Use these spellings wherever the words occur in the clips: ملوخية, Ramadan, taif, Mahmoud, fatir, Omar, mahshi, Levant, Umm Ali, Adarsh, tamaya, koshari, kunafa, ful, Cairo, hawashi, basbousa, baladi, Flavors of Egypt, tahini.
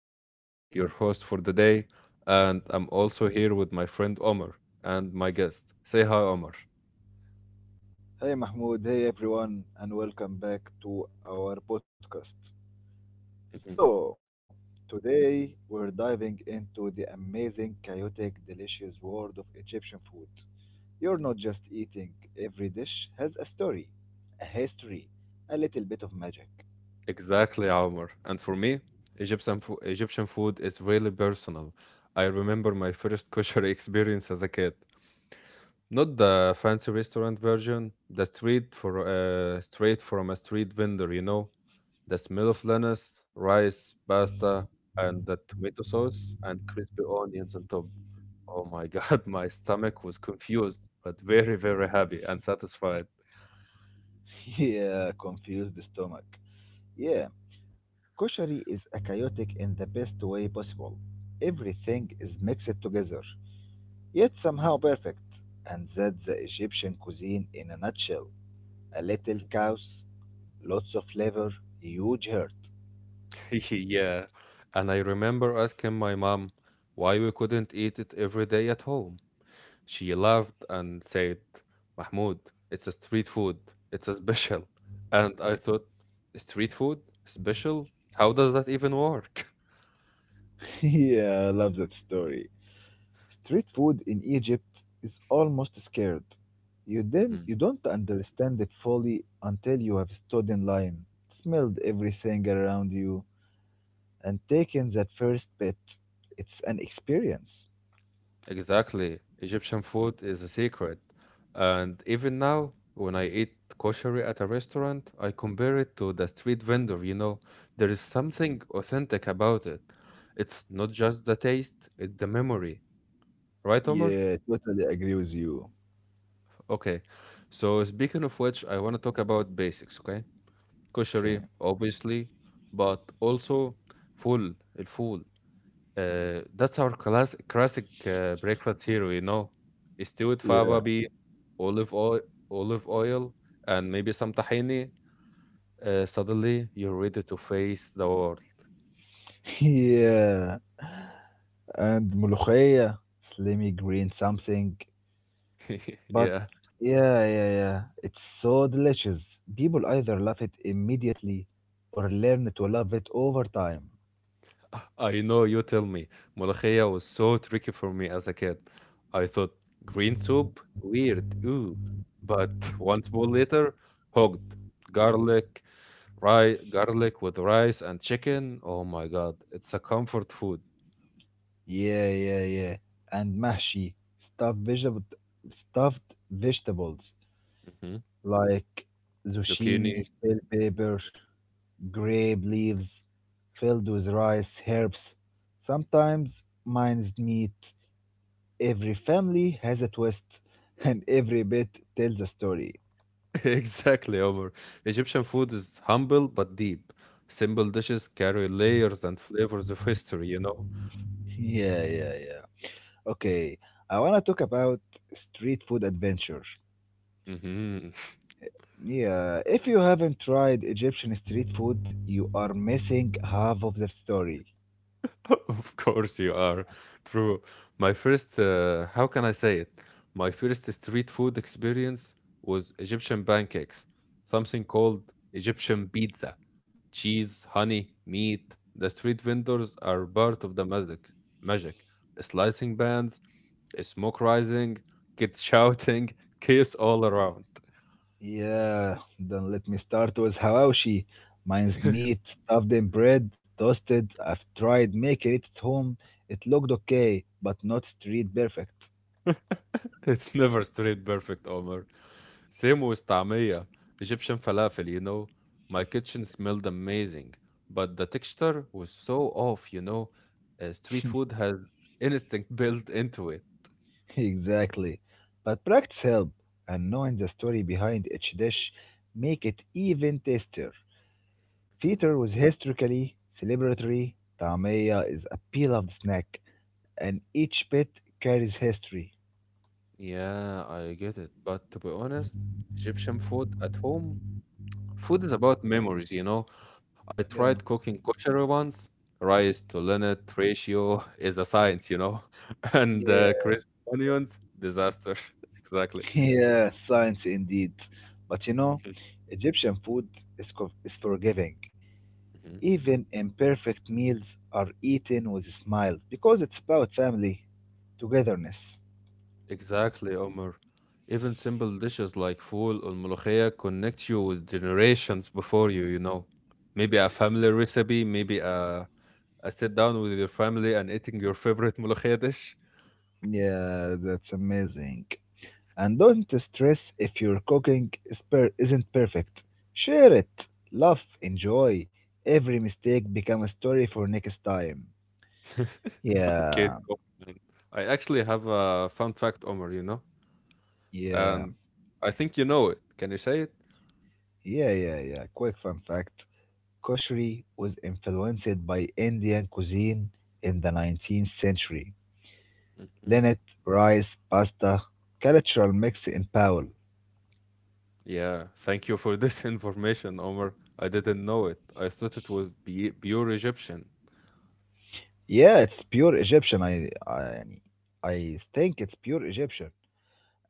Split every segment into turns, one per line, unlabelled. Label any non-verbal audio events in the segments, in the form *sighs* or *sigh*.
Mahmoud, your host for the day, and I'm also here with my friend Omar and my guest. Say hi, Omar.
Hey Mahmoud, hey everyone, and welcome back to our podcast.
Mhm.
So, today we're diving into the amazing, chaotic, delicious world of Egyptian food. You're not just eating, every dish has a story, a history, a little bit of magic.
Exactly, Omar. And for me, Egyptian food is really personal. I remember my first kosher *laughs* experience as a kid. Not the fancy restaurant version, the street for straight from a street vendor. The smell of lentils, rice, pasta, and the tomato sauce and crispy onions on top. Oh my God, *laughs* my stomach was confused, but very, very happy and satisfied.
*laughs* Yeah, confused stomach. Yeah, koshari is a chaotic in the best way possible. Everything is mixed together, yet somehow perfect, and that's the Egyptian cuisine in a nutshell. A little chaos, lots of flavor, huge heart.
*laughs* Yeah. And I remember asking my mom why we couldn't eat it every day at home. She laughed and said, Mahmoud, it's a street food. It's a special. And I thought, street food? Special? How does that even work?
*laughs* Yeah, I love that story. Street food in Egypt is almost scared. You then you
*laughs*
don't understand it fully until you have stood in line, smelled everything around you, and taken that first bit. It's an experience.
Exactly. Egyptian food is a secret. And even now, when I eat kosher at a restaurant, I compare it to the street vendor. You know. There is something authentic about it. It's not just the taste, it's the memory. Right, Omar?
Yeah, totally agree with you.
Okay. So speaking of which, I want to talk about basics, okay?
Okay.
Kosher, obviously, but also full, الفول. That's our classic breakfast hero. Stewed fava
Yeah.
bean, olive oil, olive oil, and maybe some tahini. Suddenly, you're ready to face the world.
*laughs* Yeah. And ملوخية, slimy green something.
*laughs*
But
Yeah,
yeah, yeah, yeah, it's so delicious. People either love it immediately or learn to love it over time.
I know. You tell me. Molokhiya was so tricky for me as a kid. I thought green soup weird, ooh, but *laughs* one spoon later, hooked. Garlic, rice, garlic with rice and chicken. Oh my God, it's a comfort food.
Yeah, yeah, yeah. And mahshi, stuffed vegetables
Mm-hmm.
like
Zucchini.
zucchini, bell pepper, grape leaves, filled with rice, herbs. Sometimes minced meat. Every family has a twist, *laughs* and every bit tells a story.
*laughs* Exactly, Omar. Egyptian food is humble but deep. Simple dishes carry layers and flavors of history, you know?
Yeah, yeah, yeah. Okay, I want to talk about street food adventure.
Hmm.
Yeah, if you haven't tried Egyptian street food, you are missing half of the story.
*laughs* Of course you are. True. My first, how can I say it? My first street food experience was Egyptian pancakes, something called Egyptian pizza. Cheese, honey, meat. The street vendors are part of the magic. Magic. Slicing bands. Smoke rising, kids shouting, *laughs* chaos all around.
Yeah, then let me start with hawashi. Mine's meat, stuffed in bread, toasted. I've tried making it at home. It looked okay, but not street perfect.
*laughs* It's never straight perfect, Omar. Same with طعمية, Egyptian falafel. My kitchen smelled amazing, but the texture was so off. Street food has instinct *laughs* built into it.
Exactly. But practice help, and knowing the story behind each dish make it even tastier.
Mm.
Feta was historically celebratory. Tamaya is a beloved snack, and each bit carries history.
Yeah, I get it. But to be honest, Egyptian food at home. Food is about memories. I tried
Yeah,
cooking kosher once. Rice to linnet ratio *laughs* is a science. *laughs* And
yeah,
crisp onions, disaster. *laughs* Exactly.
*laughs* yeah. Science indeed. But you know, Egyptian food is forgiving.
Mhm.
Even imperfect meals are eaten with smiles because it's about family, togetherness.
Exactly, Omar. Even simple dishes like ful or molokhia connect you with generations before you, you know. Maybe a family recipe, maybe a sit down with your family and eating your favorite molokhia dish.
Yeah, that's amazing. And don't stress if your cooking isn't perfect. Share it, laugh, enjoy. Every mistake become a story for next time.
*laughs* Okay,
Yeah,
so fine. I actually have a fun fact, Omar,
yeah,
and I think you know it. Can you say it?
yeah, yeah, yeah. Quick fun fact. Koshri was influenced by Indian cuisine in the 19th century.
Hmm.
Linnet, rice, pasta, cultural mix in Powell.
Yeah, thank you for this *laughs* information, Omar. I didn't know it. I thought it was be pure Egyptian.
Yeah, it's pure Egyptian. I think it's pure Egyptian.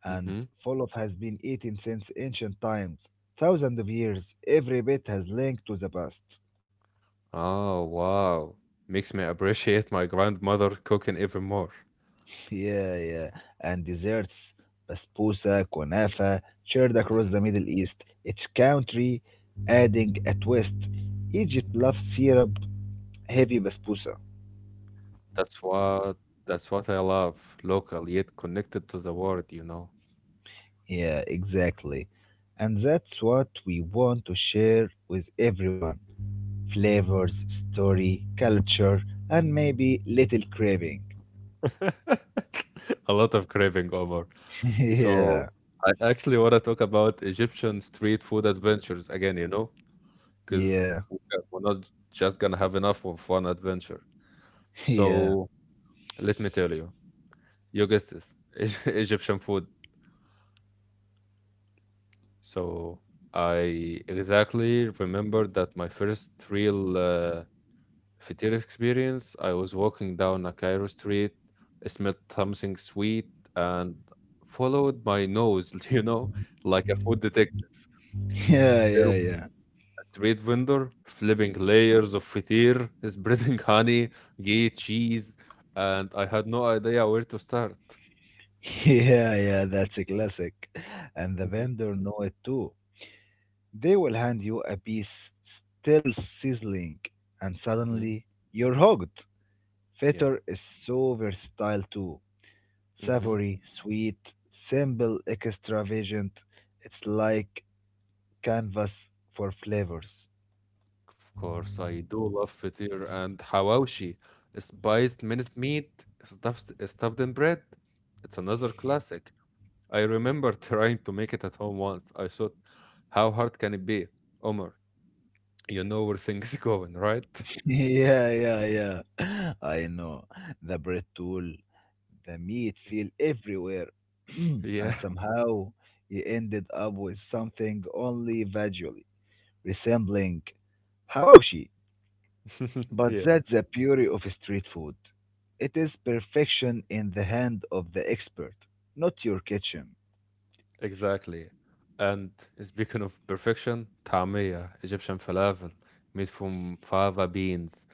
And
Mm-hmm.
full has been eaten since ancient times. Thousands of years, every bit has linked to the past.
Oh, wow. Makes me appreciate my grandmother cooking even more.
Yeah, yeah. And desserts, basbousa, kunafa, shared across
Mhm.
the Middle East, each country adding a twist. Egypt loves syrup, heavy basbousa.
That's what that's what I love. Local yet connected to the world, you know.
Yeah, exactly. And that's what we want to share with everyone. Flavors, story, culture, and maybe little craving.
*laughs* A lot of craving, Omar.
*laughs*
So
Yeah.
I actually want to talk about Egyptian street food adventures again, you know, because
Yeah,
we're not just gonna have enough of one adventure.
*laughs* yeah,
So let me tell you, you guessed this, *laughs* Egyptian food. So I exactly remember that my first real Fatal experience. I was walking down a Cairo street, smelled something sweet, and followed my nose, *laughs* you know, like a food detective.
yeah,
There
yeah,
was
yeah,
a street vendor flipping layers of fatir, *laughs* spreading honey, ghee, cheese, and I had no idea where to start.
*laughs* yeah, yeah. That's a classic, and the
Mhm.
vendor know it too. They will hand you a piece still sizzling, and
Mhm.
suddenly you're hooked.
Yeah.
Feta is so versatile too.
Mhm.
Savory, sweet, simple, extravagant. It's like canvas for flavors. *laughs*
Of course, I do love fatir and hawashi, spiced minced meat stuffed in bread. It's another classic. I remember *laughs* trying to make it at home once. I thought, how hard can it be? Omar, you know where things *laughs* going, right? *laughs*
Yeah, yeah, yeah. I know the bread tool. The meat fell everywhere, *clears throat* and
Yeah.
somehow he ended up with something only vaguely resembling hawashi.
*laughs*
But
Yeah,
that's the beauty of street food. It is perfection in the hand of the expert, not your kitchen.
exactly. And speaking of perfection, tamia, Egyptian falafel, made from fava beans.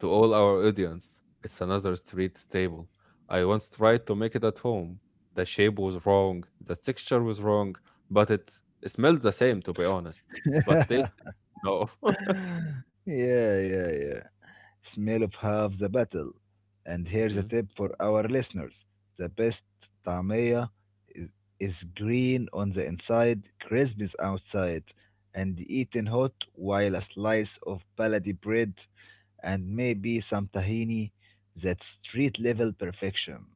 To all our audience, it's another street staple. I once tried to make it at home. The shape was wrong, the texture was wrong, but it smelled the same, to be honest.
*laughs*
But
Yeah,
taste, no. *laughs*
yeah, yeah. Smell of half the battle. And here's a
Mhm.
tip for our listeners. The best tamaya is, is green on the inside, crisp is outside, and eaten hot while a slice of baladi bread and maybe some tahini. That's street level perfection.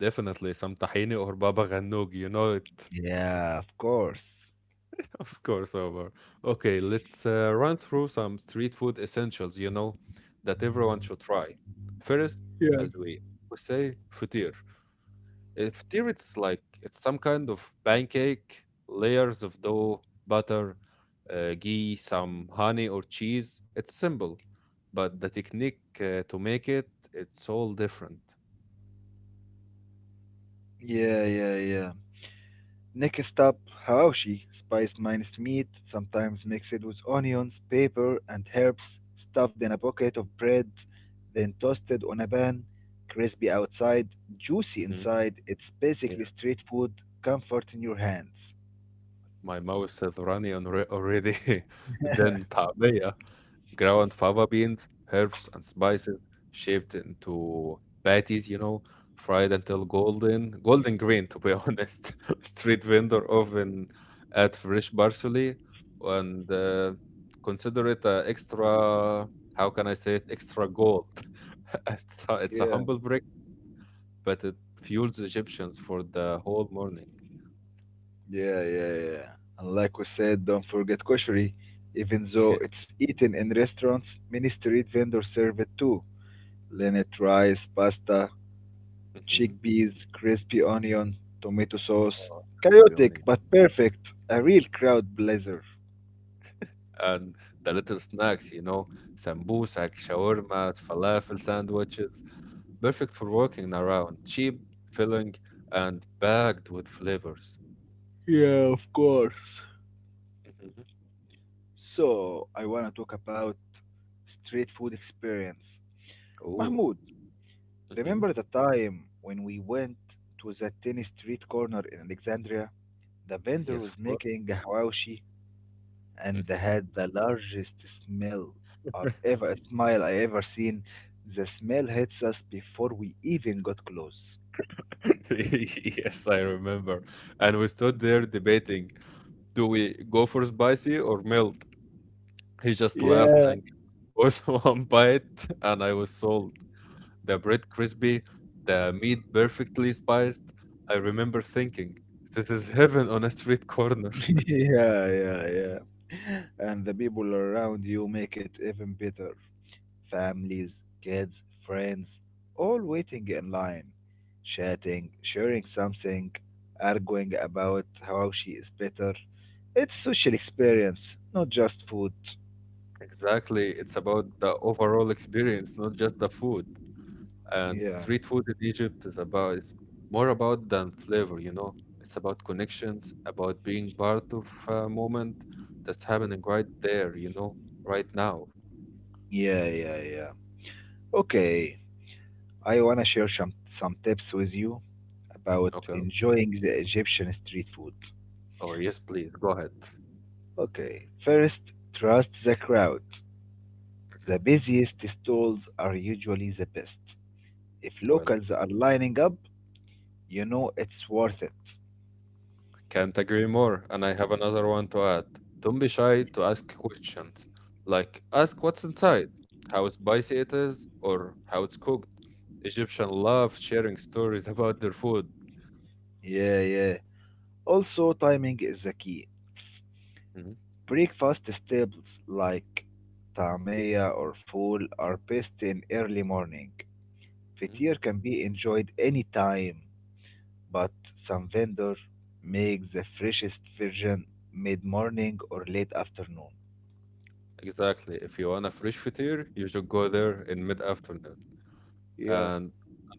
Definitely some tahini or baba ganoush, you know it.
Yeah, of course.
*laughs* Of course, over. Okay, let's run through some street food essentials, you know, that everyone should try. First,
Yeah.
as we, we say, futir. Futir, it's like, it's some kind of pancake, layers of dough, butter, ghee, some honey or cheese. It's simple, but the technique to make it, it's all different.
Yeah, yeah, yeah. Next up, hawashi, spiced minced meat, sometimes mixed with onions, pepper, and herbs, stuffed in a pocket of bread, then toasted on a pan, crispy outside, juicy
Mhm.
inside. It's basically street food, comfort in your hands.
My mouth is runny on already. *laughs* Then طعمية, ground fava beans, herbs and spices shaped into patties, you know, fried until golden, golden green to be *laughs* honest. Street vendor oven add fresh parsley and consider it a extra, how can I say it, extra gold. *laughs* It's a
Yeah,
humble brick, but it fuels Egyptians for the whole morning.
yeah, yeah, yeah. And like we said, don't forget kosheri. Even though
*laughs*
it's eaten in restaurants, many street vendors serve it too. Linnet rice, pasta,
Mhm.
chickpeas, crispy onion, tomato sauce.
Oh,
Chaotic but perfect, a real crowd pleaser.
and the little snacks, you know, sambusak, shawarmas, falafel sandwiches, perfect for walking around, cheap, filling, and packed with flavors.
Yeah, of course.
Mhm.
So, I wanna talk about street food experience.
Oh,
Mahmoud,
mhm.
remember the time when we went to the tiny street corner in Alexandria? The vendor
Yes,
was
of course.
making hawashi and
Mhm.
had the largest smell I've ever smile I ever seen. The smell hits us before we even got close.
*laughs* Yes, I remember. And we stood there debating, do we go for spicy or mild? He just laughed
Yeah,
and gave us *laughs* one bite, and I was sold. The bread crispy, the meat perfectly spiced. I remember thinking, this is heaven on a street corner.
*laughs*
*laughs*
yeah, yeah, yeah. And the people around you make it even better. Families, kids, friends, all waiting in line, chatting, sharing something, arguing about how she is better. It's social experience, not just food.
Exactly. It's about the overall experience, not just the food. And
Yeah,
street food in Egypt is more about than flavor, you know. It's about connections, about being part of a moment that's happening right there, you know, right now.
yeah, yeah, yeah. Okay, I wanna share some tips with you about
Okay.
enjoying the Egyptian street food.
Oh, yes, please. Go ahead.
Okay, first, trust the crowd.
Mhm.
The busiest stalls are usually the best. If
Well,
locals are lining up, you know it's worth it.
can't agree more. And I have another one to add. Don't be shy to ask questions. Like, ask what's inside, how spicy it is, or how it's cooked. Egyptians love sharing stories about their food.
Yeah, yeah. Also, timing is the key.
Mhm.
Breakfast staples like tamaya or ful are best in early morning.
Mhm.
Fatir can be enjoyed any time, but some vendor makes the freshest version mid-morning or late afternoon.
Exactly. If you want a fresh fatir, you should go there in mid afternoon.
Yeah.
And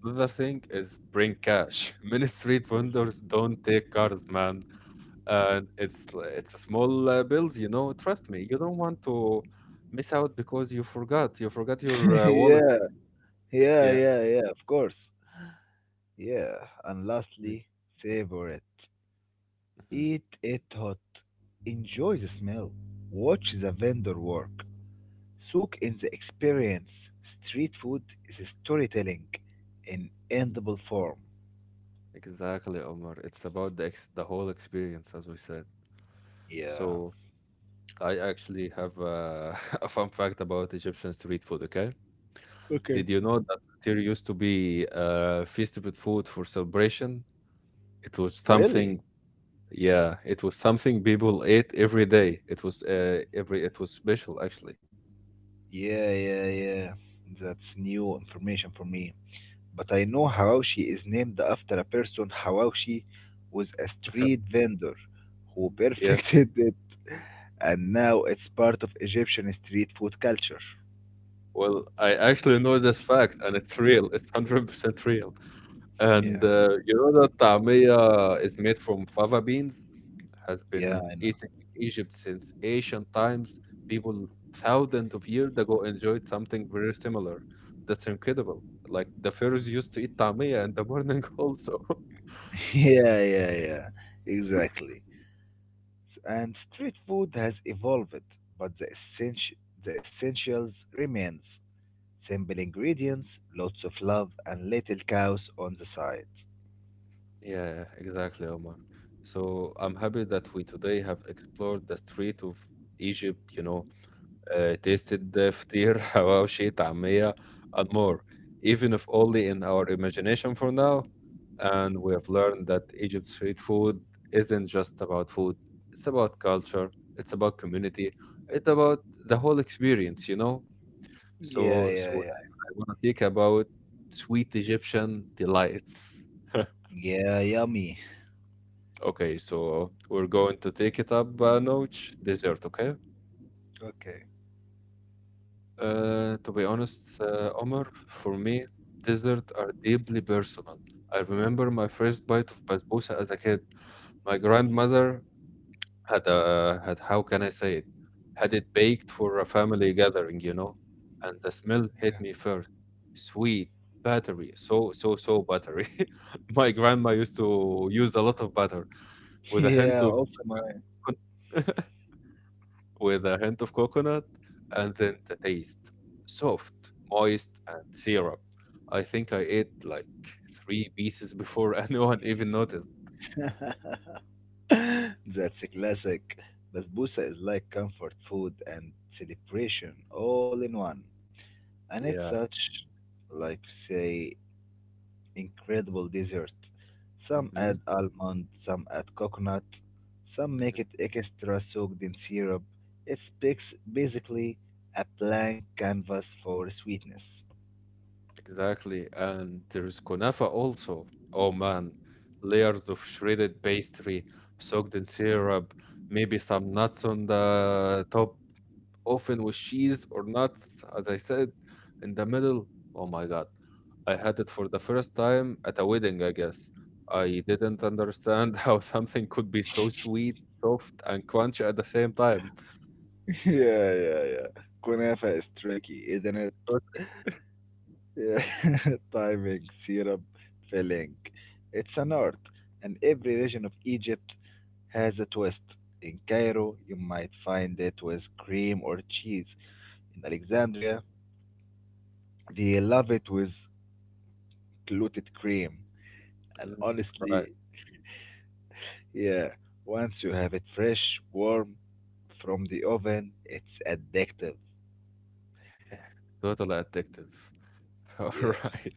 another thing is bring cash. *laughs* Many street vendors don't take cards, man. And it's a small bills, you know. Trust me, you don't want to miss out because You forgot
*laughs*
your
Yeah,
wallet.
yeah,
Yeah.
yeah, yeah, of course. Yeah, and
Mm-hmm.
lastly, savor it. Eat it hot. Enjoy the smell. Watch the vendor work. Soak in the experience. Street food is storytelling in endable form.
Exactly, Omar. It's about the ex the whole experience, as we said.
Yeah.
So I actually have *laughs* a fun fact about Egyptian street food. Okay,
Okay.
did you know that there used to be festival food for celebration? It was
Really?
something. Yeah, it was something people ate every day. It was every it was special actually.
Yeah, yeah, yeah. That's new information for me. But I know Hawashi is named after a person. Hawashi was a street vendor who *laughs*
Yeah.
perfected the, and now it's part of Egyptian street food culture.
Well, I actually know this fact, and it's real. It's 100% real.
Yeah,
And you know that tamia is made from fava beans, has
yeah,
been eaten in Egypt since ancient times. People thousands of years ago enjoyed something very similar. That's incredible. Like the pharaohs used to eat tamia in the morning *laughs* also.
*laughs* yeah, yeah, yeah, exactly. And street food has evolved, but the essentials remains. Simple ingredients, lots of love, and little cows on the side.
Yeah, exactly, Omar. So I'm happy that we today have explored the street of Egypt, you know, tasted the فطير, *laughs* حواوشي, طعمية, and more, even if only in our imagination for now. And we have learned that Egypt's street food isn't just about food, it's about culture, it's about community, it's about the whole experience, you know?
Yeah,
So,
yeah,
so
yeah.
I want to think about sweet Egyptian delights. *laughs*
Yeah, yummy.
Okay, so we're going to take it up a notch. Dessert, okay?
Okay. *laughs*
To be honest, Omar, for me, desserts are deeply personal. I remember my first bite of basbousa as a kid. My grandmother how can I say it? Had it baked for a family gathering, you know? And the smell hit me first. Sweet, buttery, so buttery. *laughs* My grandma used to use a lot of butter with a hint
Yeah,
of
also mine.
*laughs* with a hint of coconut, and then the taste soft, moist, and syrup. I think I ate like three pieces before *laughs* anyone even noticed.
*laughs* That's a classic. Basbousa is like comfort food and celebration all in one. And it's
Yeah.
such, like you say, incredible dessert. Some
Hmm.
add almond, some add coconut, some make it
Hmm.
extra soaked in syrup. It's basically a blank canvas for sweetness.
Exactly. And there's kunafa also. Oh man, layers of shredded pastry soaked in syrup, maybe some nuts on the top, often with cheese or nuts, as I said, in the middle. Oh my God. I had it for the first time at a wedding, I guess. I didn't understand *laughs* how something could be so sweet, soft, and crunchy at the same time.
*laughs* Yeah, yeah, yeah. Kunafa is tricky, isn't it?
Tot-.
Yeah, *laughs* timing, syrup, filling. It's an art, and every region of Egypt has a twist. In Cairo, you might find it with cream or cheese. In Alexandria, they love it with clotted cream. And
Mm. Right.
honestly, yeah, once you have it fresh, warm from the oven, it's addictive.
*sighs* Totally addictive. *laughs* All
Yeah,
right.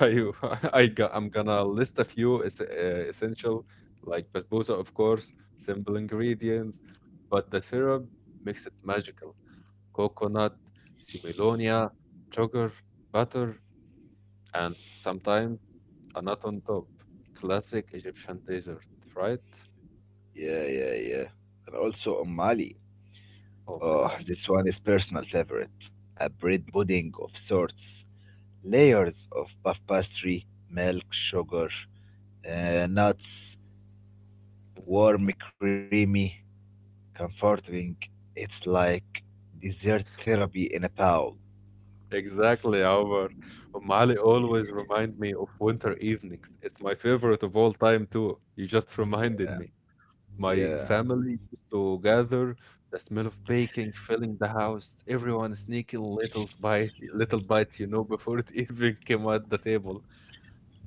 Are you, *laughs* I'm gonna list a few essential, like basbousa, of course, simple ingredients, but the syrup makes it magical. Coconut, similonia, sugar, butter, and sometimes a nut on top. Classic Egyptian dessert, right?
yeah, yeah, yeah. And also on Mali.
Oh my
Oh,
God.
*laughs* this one is personal favorite. A bread pudding of sorts, layers of puff pastry, milk, sugar, nuts, warm, creamy, comforting. It's like dessert therapy in a bowl.
Exactly, Omar. Ali always remind me of winter evenings. It's my favorite of all time too. You just *laughs* reminded me. My
Yeah,
family used to gather, the smell of baking filling the house, everyone sneaking little by *laughs* little bites, you know, *laughs* before it even came at the table.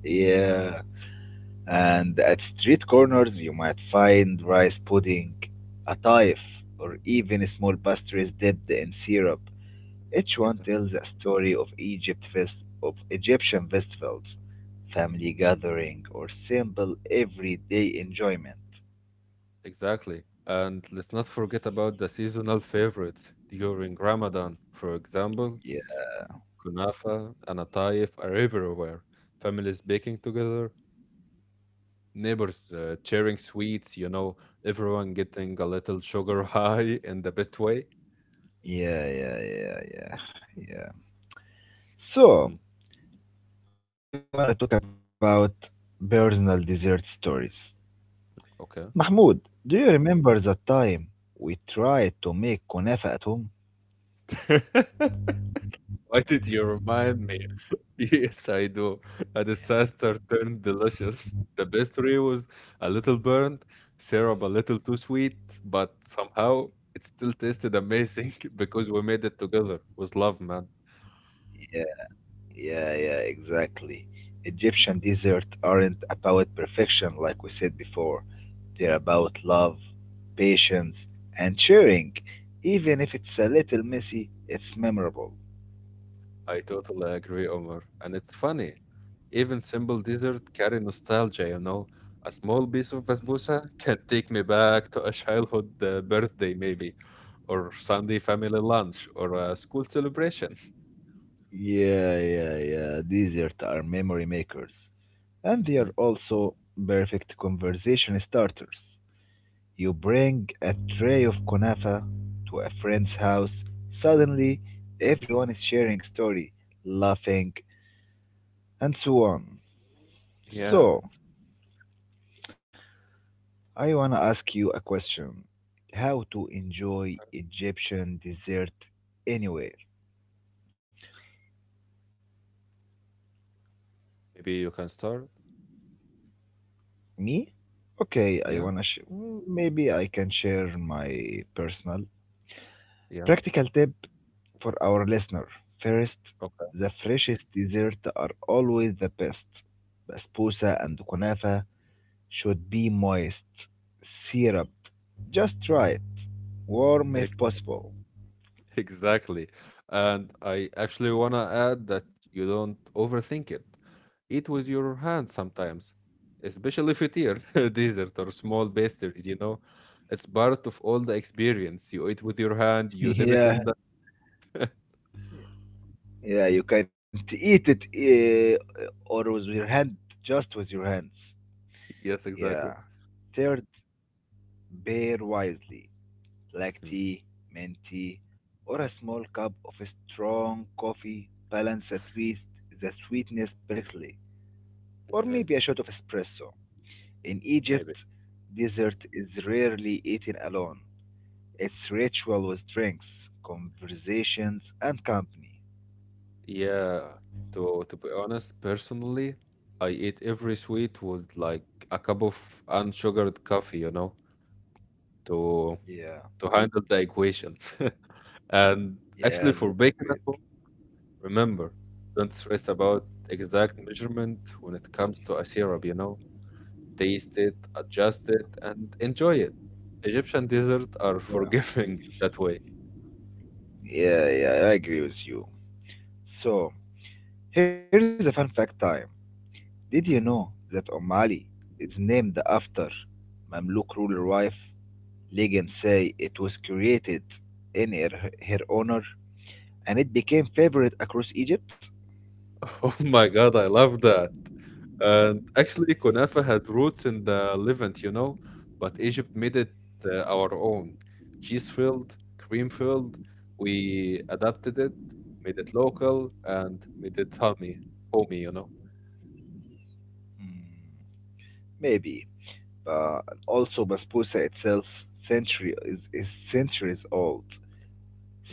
yeah. And at street corners, you might find rice pudding, a taif, or even small pastries dipped in syrup. Each one
Yeah.
tells a story of Egyptian festivals, family gathering, or simple everyday enjoyment.
Exactly. And let's not forget about the seasonal favorites. During Ramadan, for example,
Yeah,
kunafa and ataif are everywhere. Families baking together, neighbors sharing sweets, you know, everyone getting a little sugar *laughs* high in the best way.
yeah, yeah, yeah, yeah, yeah.
Mhm.
So I want to talk about personal dessert stories.
Okay.
Mahmoud, do you remember the time we tried to make kunafa at home?
*laughs* Why did you remind me? Yes, I do. A disaster turned delicious. The pastry was a little burnt, syrup a little too sweet, but somehow it still tasted amazing *laughs* because we made it together with love, man.
Yeah, yeah, yeah, exactly. Egyptian desserts aren't about perfection, like we said before. They're about love, patience, and sharing. Even if it's a little messy, it's memorable.
I totally agree, Omar. And it's funny. Even simple dessert carry nostalgia, you know. A small piece of basbousa can take me back to a childhood birthday, maybe, or Sunday family lunch, or a school celebration. *laughs*
Yeah, yeah, yeah. Desserts are memory makers. And they
Mhm.
are also perfect conversation starters. You bring a tray of kunafa to a friend's house. Suddenly, everyone is sharing story, laughing, and so on.
Yeah,
So, I want to ask you a question. How to enjoy Egyptian dessert anywhere?
maybe you can start.
Me? Okay, I
Yeah,
want to maybe I can share my personal
yeah,
practical tip for our listener. First,
okay.
the freshest dessert are always the best. Basbousa
Mhm.
and kunafa should be moist, syruped, just right, warm if
Ex-
possible.
Exactly. And I actually want to add that you don't overthink it. Eat with your hands sometimes, especially if you tear *laughs* dessert or small pastries, you know. It's part of all the experience. You eat with your hand, you
*laughs*
dip it in the.
Yeah, yeah, you can not eat it or with your hand, just with your hands.
*laughs* Yes, exactly.
Yeah. Third, pair wisely. Black
Mhm.
tea, mint tea, or a small cup of strong coffee balanced with the sweetness perfectly, or
Mhm.
maybe a shot of espresso. In
Maybe.
Egypt, dessert is rarely eaten alone. It's ritual with drinks, conversations, and company.
Yeah, to be honest, personally, I eat every sweet with like a cup of unsugared coffee, you know, to
Yeah,
to handle the equation. *laughs* And actually,
yeah, that's
for baking at
great.
home, remember, don't stress about exact measurement when it comes to a syrup, you know? Taste it, adjust it, and enjoy it. Egyptian desserts are
Yeah,
forgiving *laughs* that way.
yeah, yeah, I agree with you. So, here is a fun fact time. Did you know
Mhm.
that Ali is named after Mamluk ruler wife? Legends say it was created in her honor, and it became favorite across Egypt.
*laughs* Oh my God, I love that. And actually, kunafa had roots in the Levant, you know, but Egypt made it our own. Cheese filled, cream filled. We adapted it, made it local, and made it homey, you know.
Hmm, maybe. But also basbousa itself is centuries old.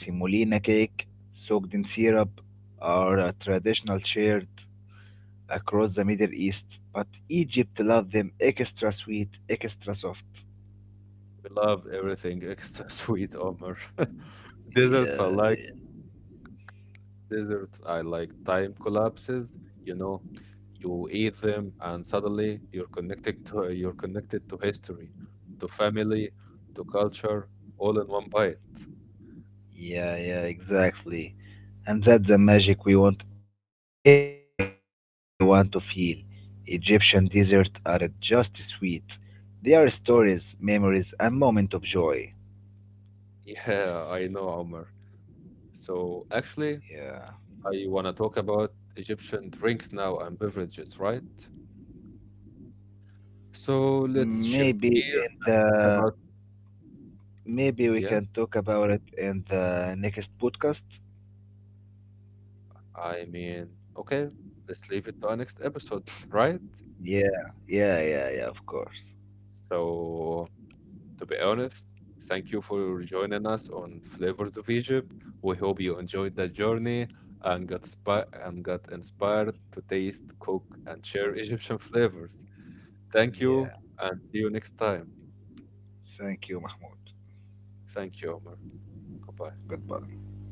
Mm.
cake soaked in syrup are a traditional shared across the Middle East, but Egypt loved them extra sweet, extra soft.
We love everything extra *laughs* sweet, Omar. *laughs* Desserts I
Yeah.
like Desserts I like time collapses. You know, you eat them and suddenly you're connected to history, to family, to culture, all in one bite. *laughs*
Yeah, yeah, exactly. And that's the magic we want everyone to feel. Egyptian desserts are just sweet. They are stories, memories, and moments of joy.
Yeah, I know, Omar. So
Yeah.
actually, I want to talk about Egyptian drinks now and beverages, right? So let's shift
Maybe in
gear
the
about,
Maybe we
yeah,
can talk about it in the next podcast.
I mean, okay, let's leave it to our next episode, *laughs* right?
Yeah, yeah, yeah, yeah, of course.
So, to be honest, thank you for joining us on Flavors of Egypt. We hope you enjoyed that journey and got spi and got inspired to taste, cook, and share Egyptian flavors. Thank you,
Yeah.
and see you next time.
Thank you, Mahmoud.
Thank you, Omar. Goodbye.
Goodbye.